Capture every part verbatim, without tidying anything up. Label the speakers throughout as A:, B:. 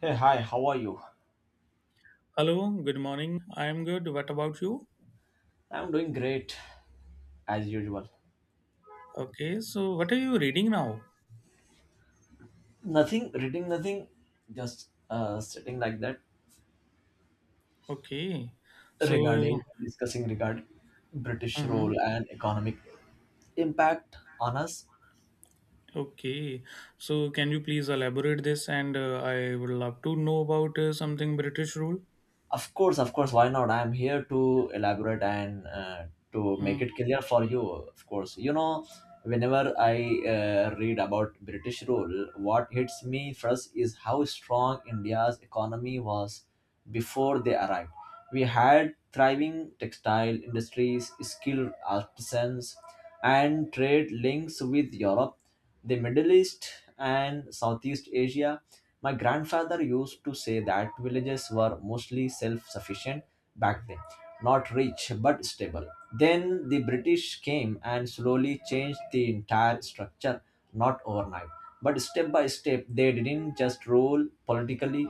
A: Hey, hi, how are you?
B: Hello, good morning. I am good. What about you?
A: I'm doing great as usual.
B: Okay, so what are you reading now?
A: Nothing, reading nothing, just uh, sitting like that
B: Okay, so
A: regarding discussing regarding British
B: uh
A: role and economic impact on us.
B: okay, so can you please elaborate this? And uh, I would love to know about uh, something British rule.
A: Of course, of course. Why not? I am here to elaborate and uh, to make
B: Mm.
A: it clear for you. Of course, you know, whenever I uh, read about British rule, what hits me first is how strong India's economy was before they arrived. We had thriving textile industries, skilled artisans, and trade links with Europe, the Middle East, and Southeast Asia. My grandfather used to say that villages were mostly self sufficient back then, not rich but stable. Then the British came and slowly changed the entire structure, not overnight. But step by step, they didn't just rule politically,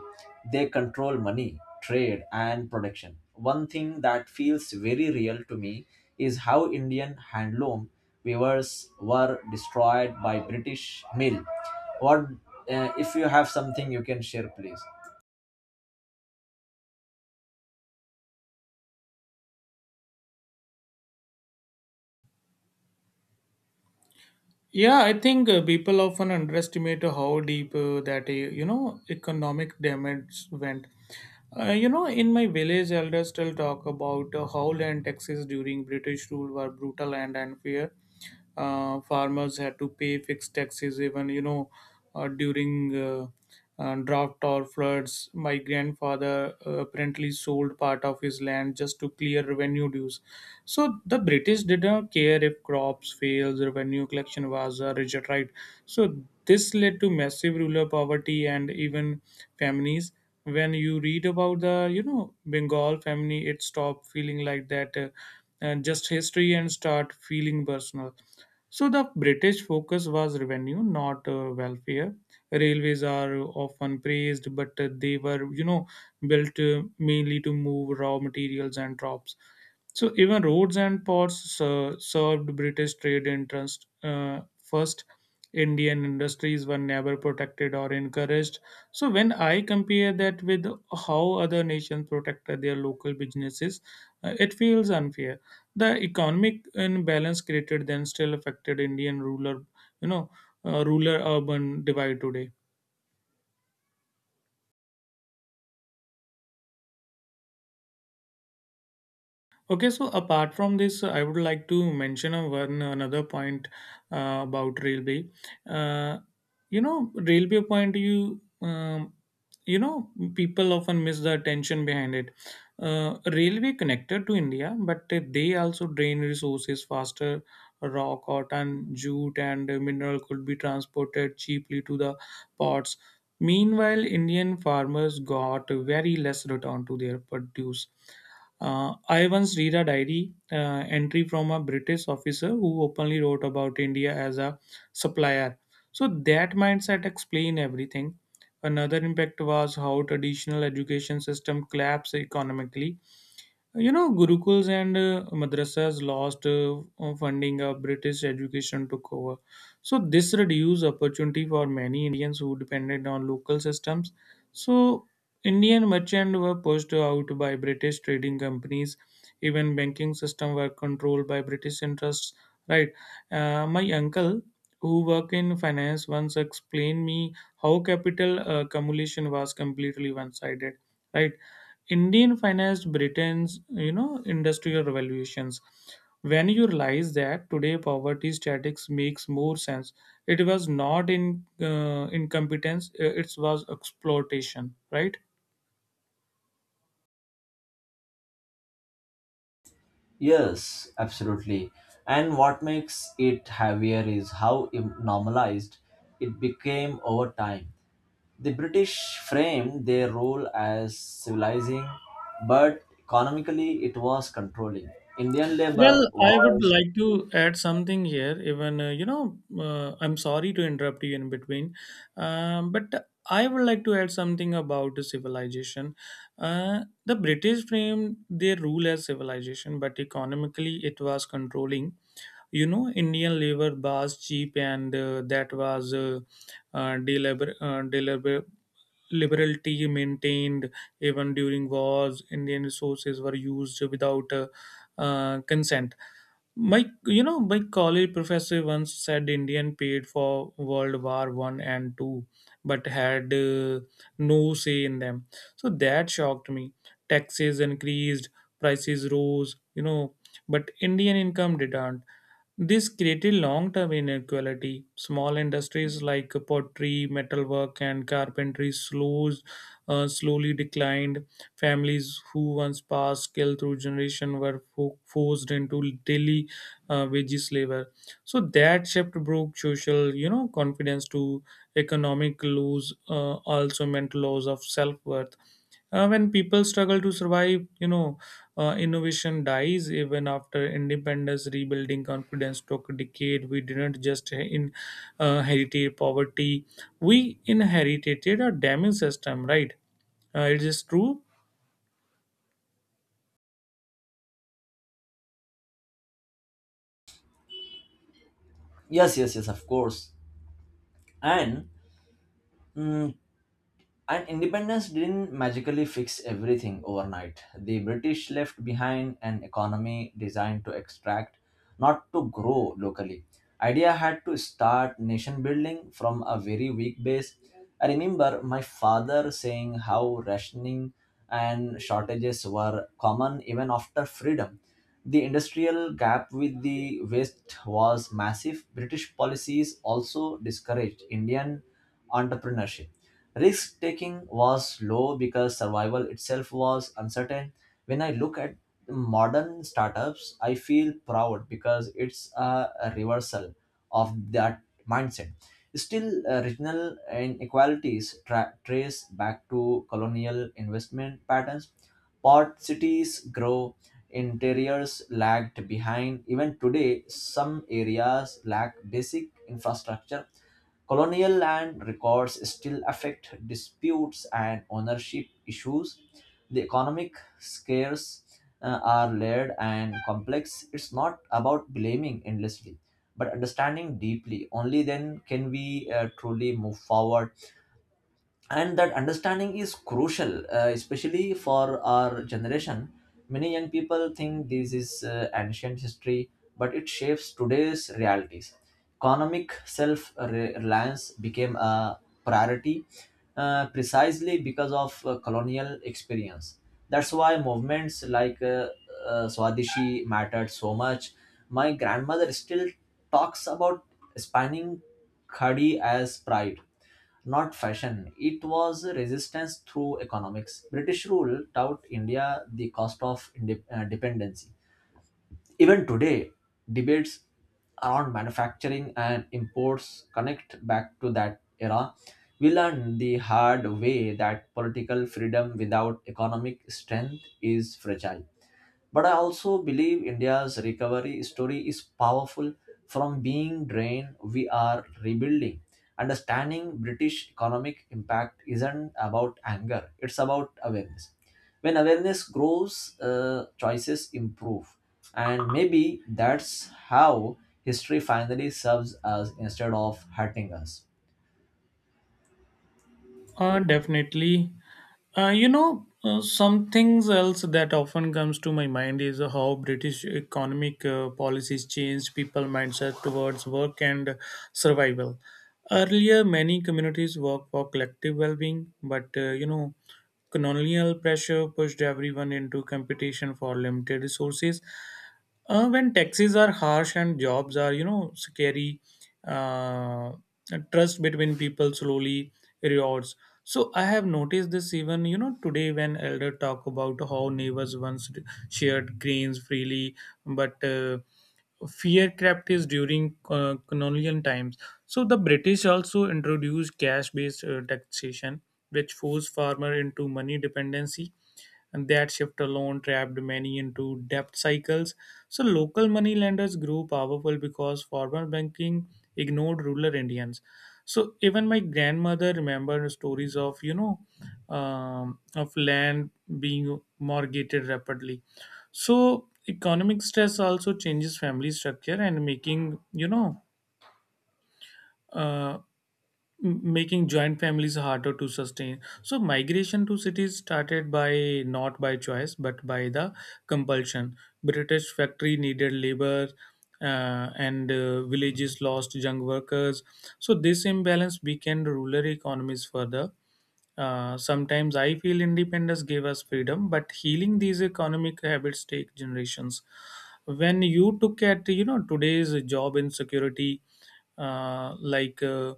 A: they control money, trade, and production. One thing that feels very real to me is how Indian handloom weavers were destroyed by British mill. What uh, If you have something you can share, please?
B: Yeah, I think uh, people often underestimate how deep uh, that uh, you know economic damage went. Uh, you know, in my village, elders still talk about uh, how land taxes during British rule were brutal and unfair. uh, farmers had to pay fixed taxes even you know uh, during uh, uh, drought or floods. My grandfather uh, apparently sold part of his land just to clear revenue dues. So the British didn't care if crops failed. Revenue collection was a rigid right. So this led to massive rural poverty and even families. When you read about the you know Bengal family, it stopped feeling like that uh, and just history and start feeling personal. So the British focus was revenue, not uh, welfare. Railways are often praised, but uh, they were, you know, built uh, mainly to move raw materials and crops. So even roads and ports ser- served British trade interests. Uh, first, Indian industries were never protected or encouraged. So when I compare that with how other nations protect their local businesses, uh, it feels unfair. The economic imbalance created then still affected Indian ruler, you know, uh, ruler urban divide today. Okay, so apart from this, I would like to mention a one another point uh, about railway. Uh, you know, railway point you um, you know people often miss the attention behind it. Uh, railway connected to India, but they also drain resources faster. Raw cotton, jute and mineral could be transported cheaply to the ports. Meanwhile Indian farmers got very less return to their produce. Uh, I once read a diary uh, entry from a British officer who openly wrote about India as a supplier. So that mindset explain everything. Another impact was how traditional education system collapsed economically. You know, Gurukuls and uh, madrasas lost uh, funding of British education took over. So this reduced opportunity for many Indians who depended on local systems. So Indian merchants were pushed out by British trading companies. Even banking system were controlled by British interests. Right. Uh, my uncle, who work in finance, once explained me how capital uh, accumulation was completely one-sided, right? Indian financed Britain's you know industrial revolutions. When you realize that today poverty statics makes more sense, it was not in uh, incompetence; uh, it was exploitation, right?
A: Yes, absolutely. And what makes it heavier is how im- normalized it became over time. The British framed their rule as civilizing, but economically it was controlling. Indian labor
B: Well, I would
A: was
B: like to add something here. Even uh, you know, uh, I'm sorry to interrupt you in between, um, but I would like to add something about the civilization. Uh, the British framed their rule as civilization, but economically it was controlling. You know indian labor was cheap, and uh, that was uh, uh, deliber- uh, deliber- liberality maintained. Even during wars Indian resources were used without uh, uh, consent. My, you know, my college professor once said Indian paid for World War One and Two, but had uh, no say in them. So that shocked me. Taxes increased, prices rose, you know, but Indian income didn't. This created long-term inequality. Small industries like pottery, metalwork, and carpentry slows, uh, slowly declined. Families who once passed skill through generation were fo- forced into daily uh, veggie flavor. So that shift broke social, you know, confidence to economic loss, uh, also meant loss of self worth. Uh, when people struggle to survive, you know, uh, innovation dies. Even after independence, rebuilding confidence took a decade. We didn't just in uh, inherit poverty; we inherited a damaged system, right? Uh, it is true.
A: yes, yes, yes, of course, and mm, and independence didn't magically fix everything overnight. The British left behind an economy designed to extract, not to grow locally. Idea had to start nation building from a very weak base. I remember my father saying how rationing and shortages were common even after freedom. The industrial gap with the West was massive. British policies also discouraged Indian entrepreneurship. Risk taking was low because survival itself was uncertain. When I look at modern startups, I feel proud because it's a a reversal of that mindset. Still, uh, regional inequalities tra- trace back to colonial investment patterns. Port cities grow, interiors lagged behind. Even today, some areas lack basic infrastructure. Colonial land records still affect disputes and ownership issues. The economic scares uh, are layered and complex. It's not about blaming endlessly, but understanding deeply. Only then can we uh, truly move forward, and that understanding is crucial, uh, especially for our generation. Many young people think this is uh, ancient history, but it shapes today's realities. Economic self-reliance became a priority uh, precisely because of uh, colonial experience. That's why movements like uh, uh, swadeshi mattered so much. My grandmother still talks about spanning khadi as pride, not fashion. It was resistance through economics. British rule taught India the cost of inde- uh, dependency. Even today, debates around manufacturing and imports connect back to that era. We learned the hard way that political freedom without economic strength is fragile. But I also believe India's recovery story is powerful. From being drained, we are rebuilding. Understanding British economic impact isn't about anger, it's about awareness. When awareness grows, uh, choices improve. And maybe that's how history finally serves us instead of hurting us.
B: Uh, definitely. Uh, you know, uh, some things else that often comes to my mind is how British economic uh, policies changed people mindset towards work and survival. Earlier, many communities worked for collective well-being, but uh, you know, colonial pressure pushed everyone into competition for limited resources. Uh, when taxes are harsh and jobs are, you know, scary, uh, trust between people slowly erodes. So I have noticed this even, you know, today when elder talk about how neighbors once shared grains freely, but uh, fear crept is during uh, colonial times. So the British also introduced cash-based uh, taxation, which forced farmer into money dependency. And that shift alone trapped many into debt cycles. So local money lenders grew powerful because foreign banking ignored rural Indians. So even my grandmother remembered stories of you know um, of land being mortgaged rapidly. So economic stress also changes family structure and making you know uh, m- making joint families harder to sustain. So migration to cities started by not by choice but by the compulsion. British factory needed labor, uh, and uh, villages lost young workers. So this imbalance weakened rural economies further. Uh, sometimes I feel independence gave us freedom, but healing these economic habits take generations. When you look at you know today's job insecurity, uh, like uh,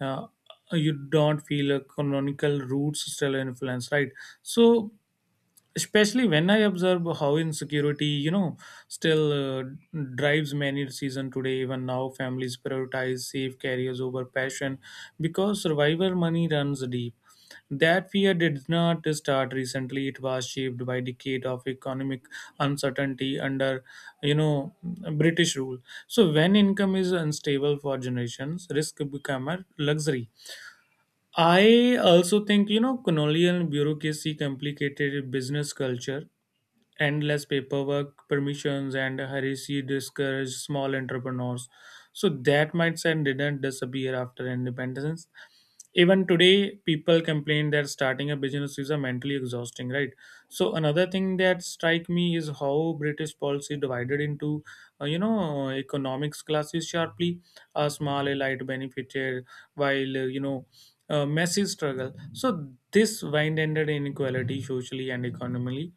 B: uh, you don't feel a canonical roots still influence, right? So especially when I observe how insecurity you know still uh, drives many season today. Even now, families prioritize safe careers over passion because survivor money runs deep. That fear did not start recently. It was shaped by decade of economic uncertainty under, you know, British rule. So when income is unstable for generations, risk become a luxury. I also think, you know, colonial bureaucracy complicated business culture. Endless paperwork, permissions, and hurriedly discourage small entrepreneurs. So that mindset didn't disappear after independence. Even today, people complain that starting a business is a mentally exhausting, right? So another thing that strike me is how British policy divided into, uh, you know, economics classes sharply. A small elite benefited, while uh, you know, uh, massive struggle. So this wind ended inequality socially and economically.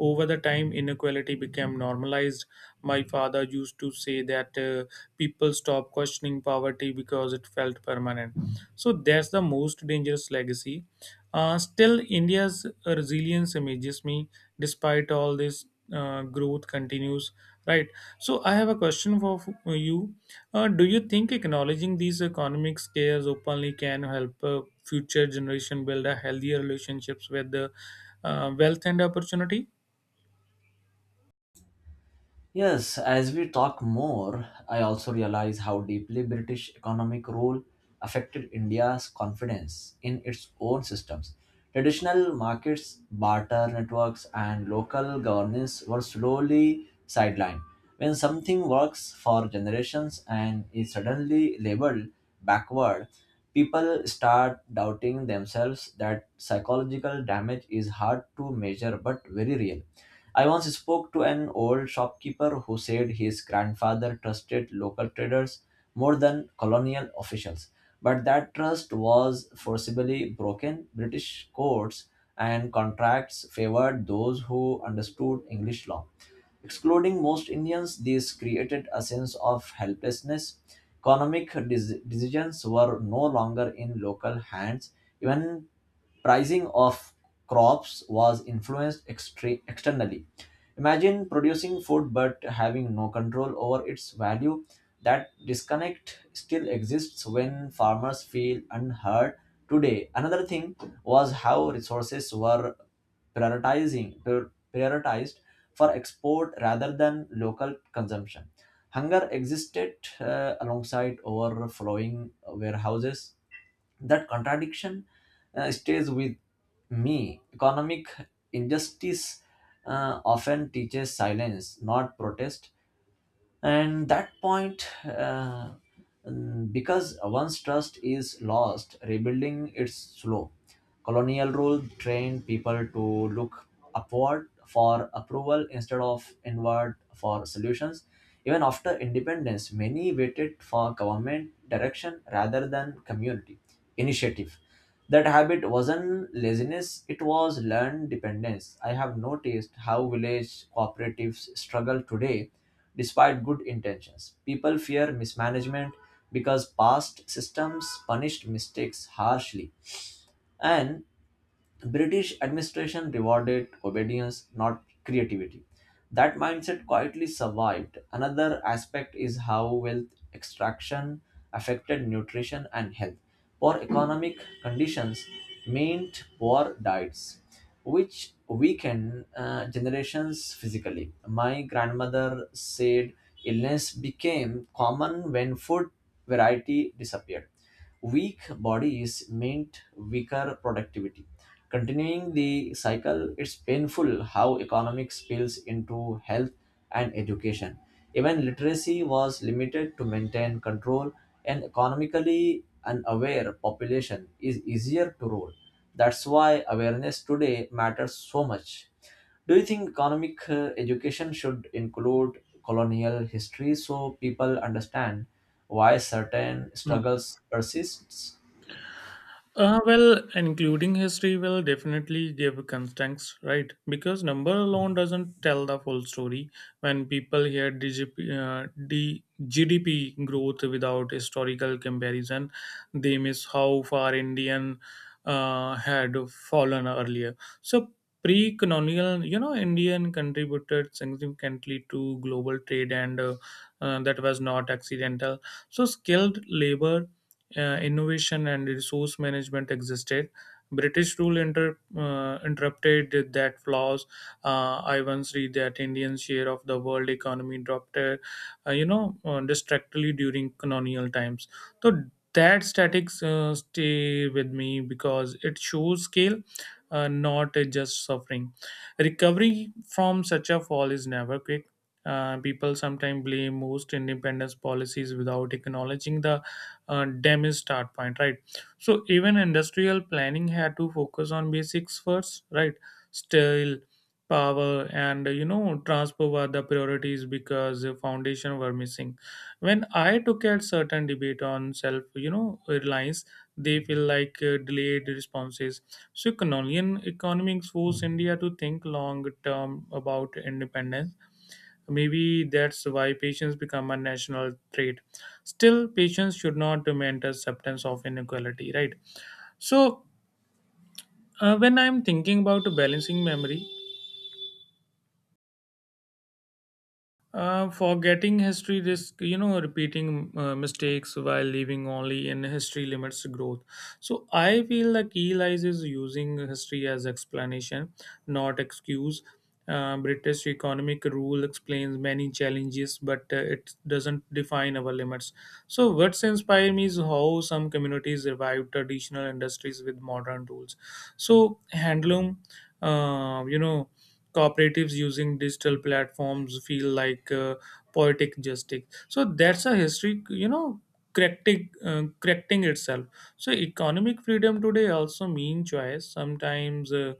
B: Over the time, inequality became normalized. My father used to say that uh, people stopped questioning poverty because it felt permanent. So that's the most dangerous legacy. Uh, still, India's resilience amazes me. Despite all this uh, growth continues. Right. So I have a question for f- you. Uh, do you think acknowledging these economic scares openly can help uh, future generation build a healthier relationships with the uh, wealth and opportunity?
A: Yes, as we talk more, I also realize how deeply British economic rule affected India's confidence in its own systems. Traditional markets, barter networks, and local governance were slowly sidelined. When something works for generations and is suddenly labeled backward, people start doubting themselves. That psychological damage is hard to measure but very real. I once spoke to an old shopkeeper who said his grandfather trusted local traders more than colonial officials, but that trust was forcibly broken. British courts and contracts favored those who understood English law. Excluding most Indians, this created a sense of helplessness. Economic dec- decisions were no longer in local hands, even pricing of crops was influenced extre- externally. Imagine producing food but having no control over its value. That disconnect still exists when farmers feel unheard today. Another thing was how resources were prioritizing prior- prioritized for export rather than local consumption. Hunger existed uh, alongside overflowing warehouses. That contradiction uh, stays with me. Economic injustice uh, often teaches silence, not protest, and that point uh, mm, because once trust is lost, rebuilding it's slow. Colonial rule trained people to look upward for approval instead of inward for solutions. Even after independence, many waited for government direction rather than community initiative. That habit wasn't laziness, it was learned dependence. I have noticed how village cooperatives struggle today despite good intentions. People fear mismanagement because past systems punished mistakes harshly, and British administration rewarded obedience, not creativity. That mindset quietly survived. Another aspect is how wealth extraction affected nutrition and health. Poor economic conditions meant poor diets, which weakened uh, generations physically. My grandmother said illness became common when food variety disappeared. Weak bodies meant weaker productivity. Continuing the cycle, it's painful how economics spills into health and education. Even literacy was limited to maintain control. An economically unaware population is easier to rule. That's why awareness today matters so much. Do you think economic uh, education should include colonial history so people understand why certain
B: Mm.
A: struggles persists?
B: Uh, well, including history will definitely give context, right? Because number alone doesn't tell the full story. When people hear D G P, uh, D, G D P growth without historical comparison, they miss how far Indian uh, had fallen earlier. So pre-colonial, you know, Indian contributed significantly to global trade, and uh, uh, that was not accidental. So skilled labor, uh, innovation and resource management existed. British rule inter, uh, interrupted that flaws. Uh, I once read that Indian share of the world economy dropped, uh, uh, you know, uh, distractedly during colonial times. So that statics uh, stay with me because it shows scale, uh, not uh, just suffering. Recovery from such a fall is never quick. Uh, people sometimes blame most independence policies without acknowledging the uh, damaged start point, right? So even industrial planning had to focus on basics first, right? Steel, power and you know transport were the priorities because the foundation were missing. When I took at certain debate on self, you know reliance, they feel like uh, delayed responses. So colonial economics forced India to think long term about independence. Maybe that's why patience become a national trait. Still, patience should not demand acceptance of inequality, right? So, uh, when I'm thinking about balancing memory, Uh, forgetting history risk, you know, repeating uh, mistakes while living only in history limits growth. So I feel the key lies is using history as explanation, not excuse. Uh, British economic rule explains many challenges, but uh, it doesn't define our limits. So what's inspired me is how some communities revive traditional industries with modern tools. So handloom, uh, you know cooperatives using digital platforms feel like uh, poetic justice. So that's a history, you know correcting uh, correcting itself. So economic freedom today also mean choice sometimes uh,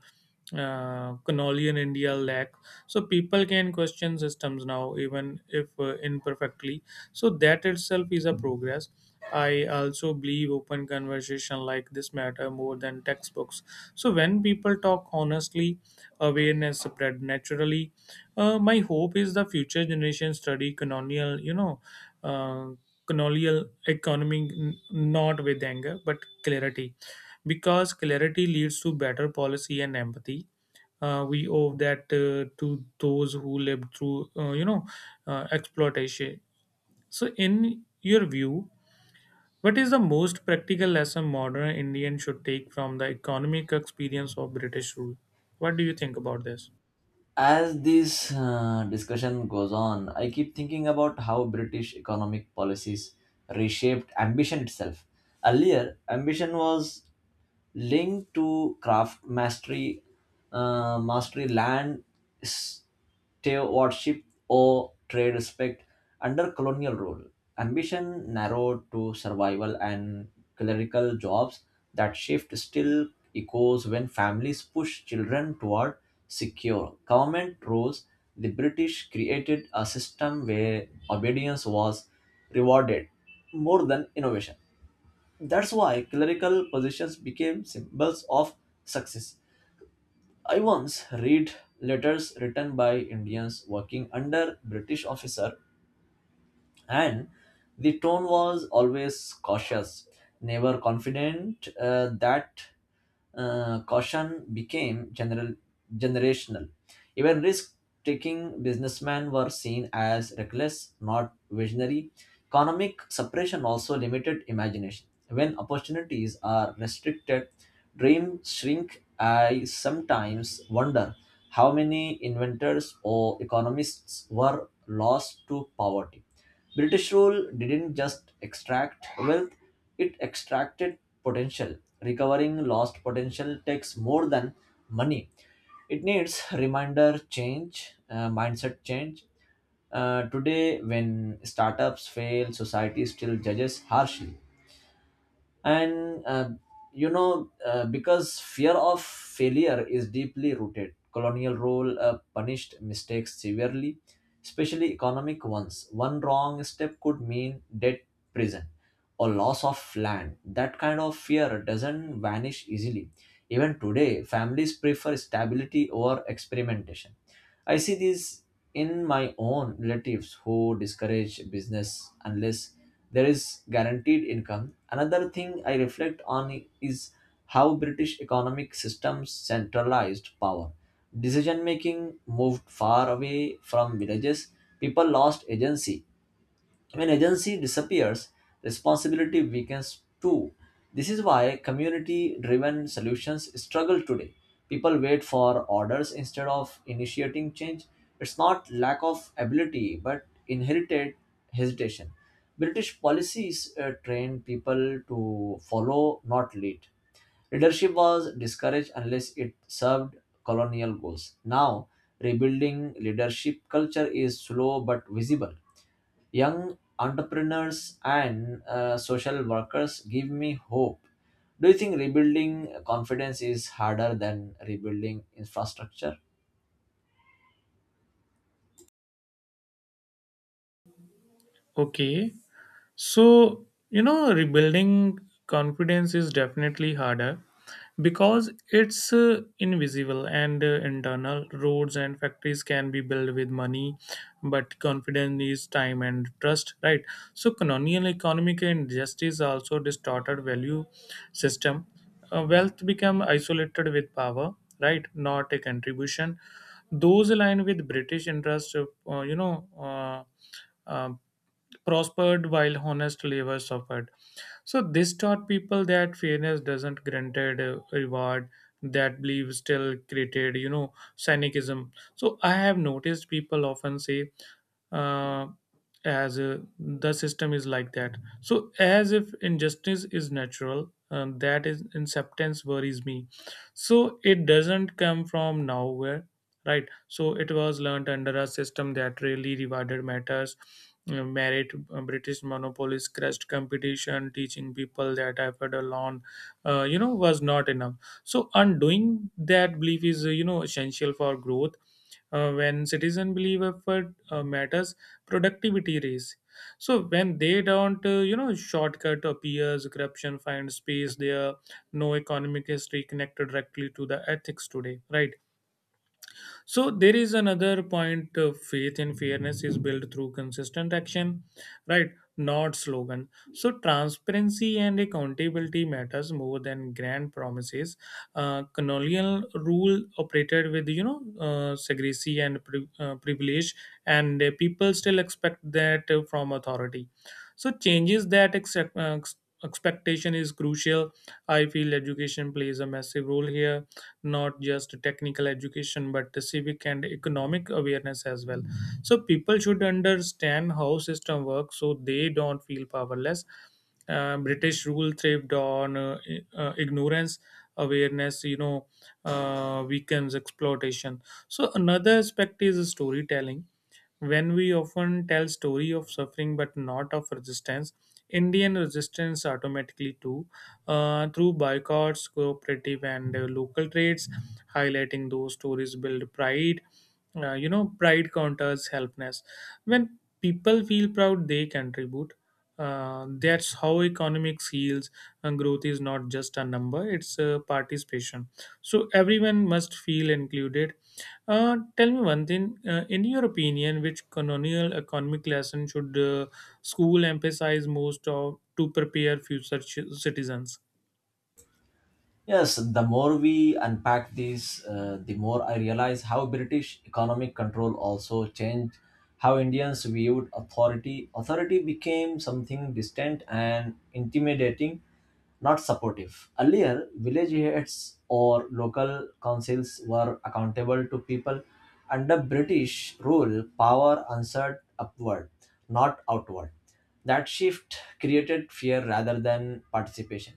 B: uh, colonial India lack. So people can question systems now, even if uh, imperfectly. So that itself is a progress. I also believe open conversation like this matter more than textbooks. So when people talk honestly, awareness spread naturally. Uh, my hope is the future generation study colonial, you know, uh, colonial economy, n- not with anger but clarity, because clarity leads to better policy and empathy. Uh, we owe that uh, to those who lived through, uh, you know, uh, exploitation. So, in your view, what is the most practical lesson modern Indian should take from the economic experience of British rule? What do you think about this?
A: As this uh, discussion goes on, I keep thinking about how British economic policies reshaped ambition itself. Earlier ambition was linked to craft mastery, uh, mastery land stewardship or trade respect. Under colonial rule, ambition narrowed to survival and clerical jobs. That shift still echoes when families push children toward secure government rules. The British created a system where obedience was rewarded more than innovation. That's why clerical positions became symbols of success. I once read letters written by Indians working under British officer, and the tone was always cautious, never confident. Uh, that uh, caution became general generational. Even risk-taking businessmen were seen as reckless, not visionary. Economic suppression also limited imagination. When opportunities are restricted, dreams shrink. I sometimes wonder how many inventors or economists were lost to poverty. British rule didn't just extract wealth, it extracted potential. Recovering lost potential takes more than money. It needs reminder change, uh, mindset change. Uh, today, when startups fail, society still judges harshly. And uh, you know, uh, because fear of failure is deeply rooted, colonial rule uh, punished mistakes severely, especially economic ones. One wrong step could mean debt, prison, or loss of land. That kind of fear doesn't vanish easily. Even today, families prefer stability over experimentation. I see this in my own relatives who discourage business unless there is guaranteed income. Another thing I reflect on is how British economic systems centralized power. Decision making moved far away from villages. People lost agency. When agency disappears, responsibility weakens too. This is why community driven solutions struggle today. People wait for orders instead of initiating change. It's not lack of ability but inherited hesitation. British policies uh, train people to follow, not lead. Leadership was discouraged unless it served colonial goals. Now, rebuilding leadership culture is slow but visible. Young entrepreneurs and uh, social workers give me hope. Do you think rebuilding confidence is harder than rebuilding infrastructure?
B: Okay. So, you know, rebuilding confidence is definitely harder because it's uh, invisible and uh, internal. Roads and factories can be built with money, but confidence is time and trust, right? So, colonial economic injustice also distorted value system. Uh, wealth become isolated with power, right? Not a contribution. Those aligned with British interest, uh, you know, uh, uh, prospered while honest labor suffered. So this taught people that fairness doesn't granted a reward, that belief still created, you know, cynicism. So I have noticed people often say, uh, as uh, the system is like that. So as if injustice is natural, um, that is acceptance worries me. So it doesn't come from nowhere, right? So it was learned under a system that really rewarded matters, uh, merit. Uh, british monopolies crushed competition, teaching people that effort alone uh, you know was not enough. So undoing that belief is uh, you know essential for growth. Uh, when citizen believe effort uh, matters, productivity raise. So when they don't, uh, you know shortcut appears, corruption finds space there. No economic history connected directly to the ethics today, right? So there is another point. Uh, faith in fairness is built through consistent action, right? Not slogan. So transparency and accountability matters more than grand promises. Uh, colonial rule operated with, you know uh, secrecy and pri- uh, privilege, and uh, people still expect that uh, from authority. So changes that accept, uh, ex- expectation is crucial. I feel education plays a massive role here, not just technical education but the civic and economic awareness as well. So people should understand how system works so they don't feel powerless. Uh, british rule thrived on uh, i- uh, ignorance. Awareness, you know uh, weakens exploitation. So another aspect is storytelling. When we often tell story of suffering but not of resistance, indian resistance automatically too, uh, through boycotts, cooperative, and uh, local trades, highlighting those stories build pride. Uh, you know, pride counters helpness. When people feel proud, they contribute. Uh, that's how economics heals, and growth is not just a number, it's a participation. So everyone must feel included. Uh, tell me one thing. Uh, in your opinion, which colonial economic lesson should uh, school emphasize most of to prepare future ci- citizens?
A: Yes, the more we unpack this, uh, the more I realize how British economic control also changed how Indians viewed authority. Authority became something distant and intimidating, not supportive. Earlier, village heads or local councils were accountable to people. Under British rule, power answered upward, not outward. That shift created fear rather than participation.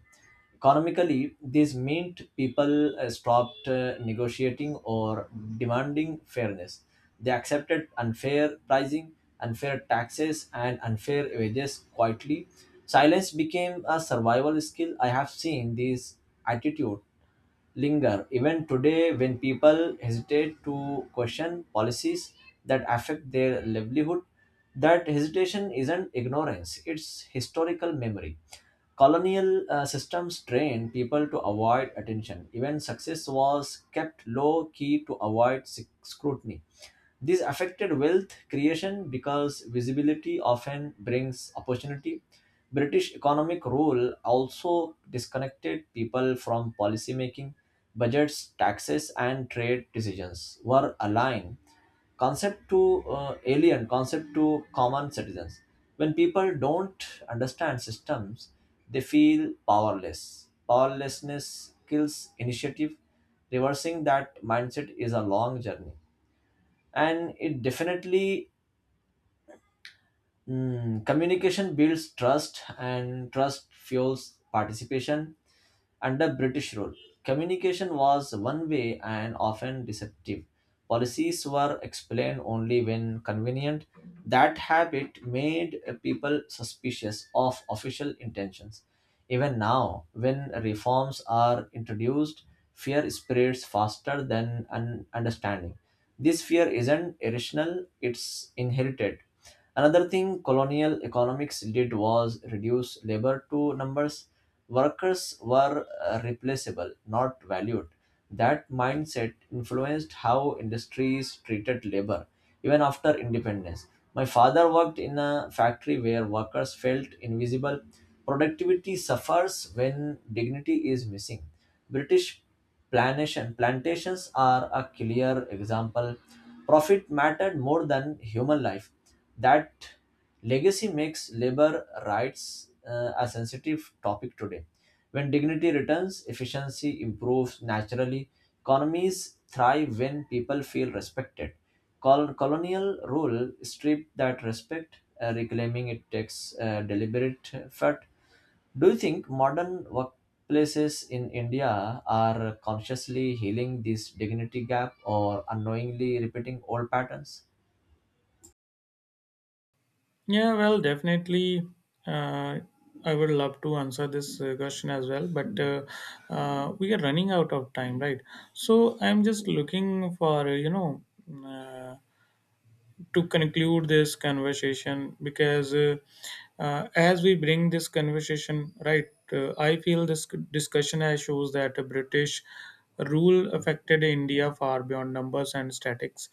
A: Economically, this meant people uh, stopped uh, negotiating or demanding fairness. They accepted unfair pricing, unfair taxes, and unfair wages quietly. Silence became a survival skill. I have seen this attitude linger even today when people hesitate to question policies that affect their livelihood. That hesitation isn't ignorance, it's historical memory. Colonial uh, systems trained people to avoid attention. Even success was kept low key to avoid sc- scrutiny. This affected wealth creation because visibility often brings opportunity. British economic rule also disconnected people from policy making. Budgets, taxes, and trade decisions were aligned concept to uh, alien concept to common citizens. When people don't understand systems, they feel powerless. Powerlessness kills initiative. Reversing that mindset is a long journey, and it definitely mm, communication builds trust and trust fuels participation. Under British rule, communication was one way and often deceptive. Policies were explained only when convenient. That habit made people suspicious of official intentions. Even now, when reforms are introduced, fear spreads faster than un- understanding. This fear isn't irrational, it's inherited. Another thing colonial economics did was reduce labor to numbers. Workers were uh, replaceable, not valued. That mindset influenced how industries treated labor, even after independence. My father worked in a factory where workers felt invisible. Productivity suffers when dignity is missing. British plantation, plantations are a clear example. Profit mattered more than human life. That legacy makes labor rights uh, a sensitive topic today. When dignity returns, efficiency improves naturally. Economies thrive when people feel respected. Col- colonial rule stripped that respect, uh, reclaiming it takes uh, deliberate effort. Do you think modern workplaces in India are consciously healing this dignity gap or unknowingly repeating old patterns?
B: Yeah, well, definitely. Uh, I would love to answer this uh, question as well, but uh, uh, we are running out of time, right? So I'm just looking for, uh, you know, uh, to conclude this conversation, because uh, uh, as we bring this conversation, right. uh, I feel this discussion has shows that a british rule affected india far beyond numbers and statics.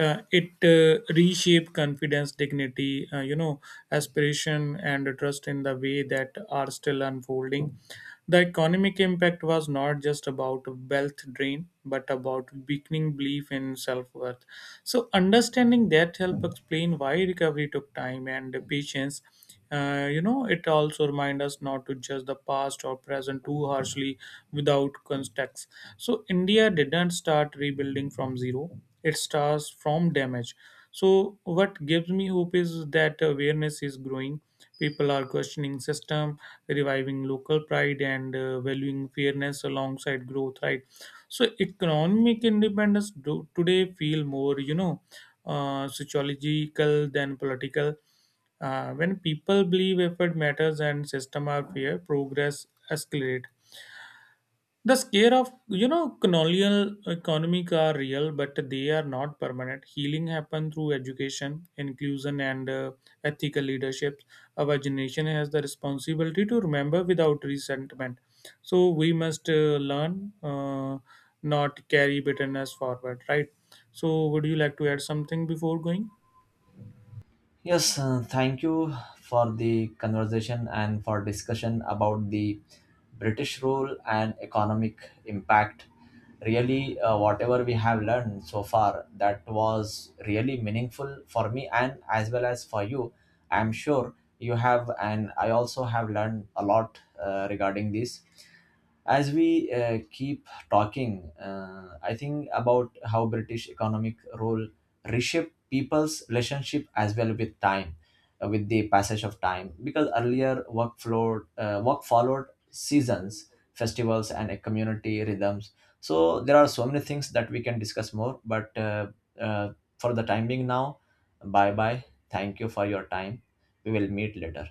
B: Uh, it uh, reshaped confidence, dignity, uh, you know aspiration and trust in the way that are still unfolding. The economic impact was not just about wealth drain but about weakening belief in self-worth. So understanding that help explain why recovery took time and patience. Uh, you know, it also remind us not to judge the past or present too harshly without context. So India didn't start rebuilding from zero; it starts from damage. So what gives me hope is that awareness is growing. People are questioning system, reviving local pride, and uh, valuing fairness alongside growth. Right. So economic independence do today feel more, you know uh, sociological than political. Uh, when people believe effort matters and system are fair, progress escalate. The scare of, you know colonial economic are real, but they are not permanent. Healing happen through education, inclusion, and uh, ethical leadership. Our generation has the responsibility to remember without resentment. So we must uh, learn, uh, not carry bitterness forward. Right. So would you like to add something before going?
A: Yes, uh, thank you for the conversation and for discussion about the British rule and economic impact. Really, uh, whatever we have learned so far, that was really meaningful for me and as well as for you. I'm sure you have, and I also have learned a lot uh, regarding this. As we uh, keep talking, uh, I think about how British economic rule reshape people's relationship as well with time, uh, with the passage of time, because earlier work flowed uh, work followed seasons, festivals, and uh, community rhythms. So there are so many things that we can discuss more, but uh, uh, for the time being now, bye bye. Thank you for your time. We will meet later.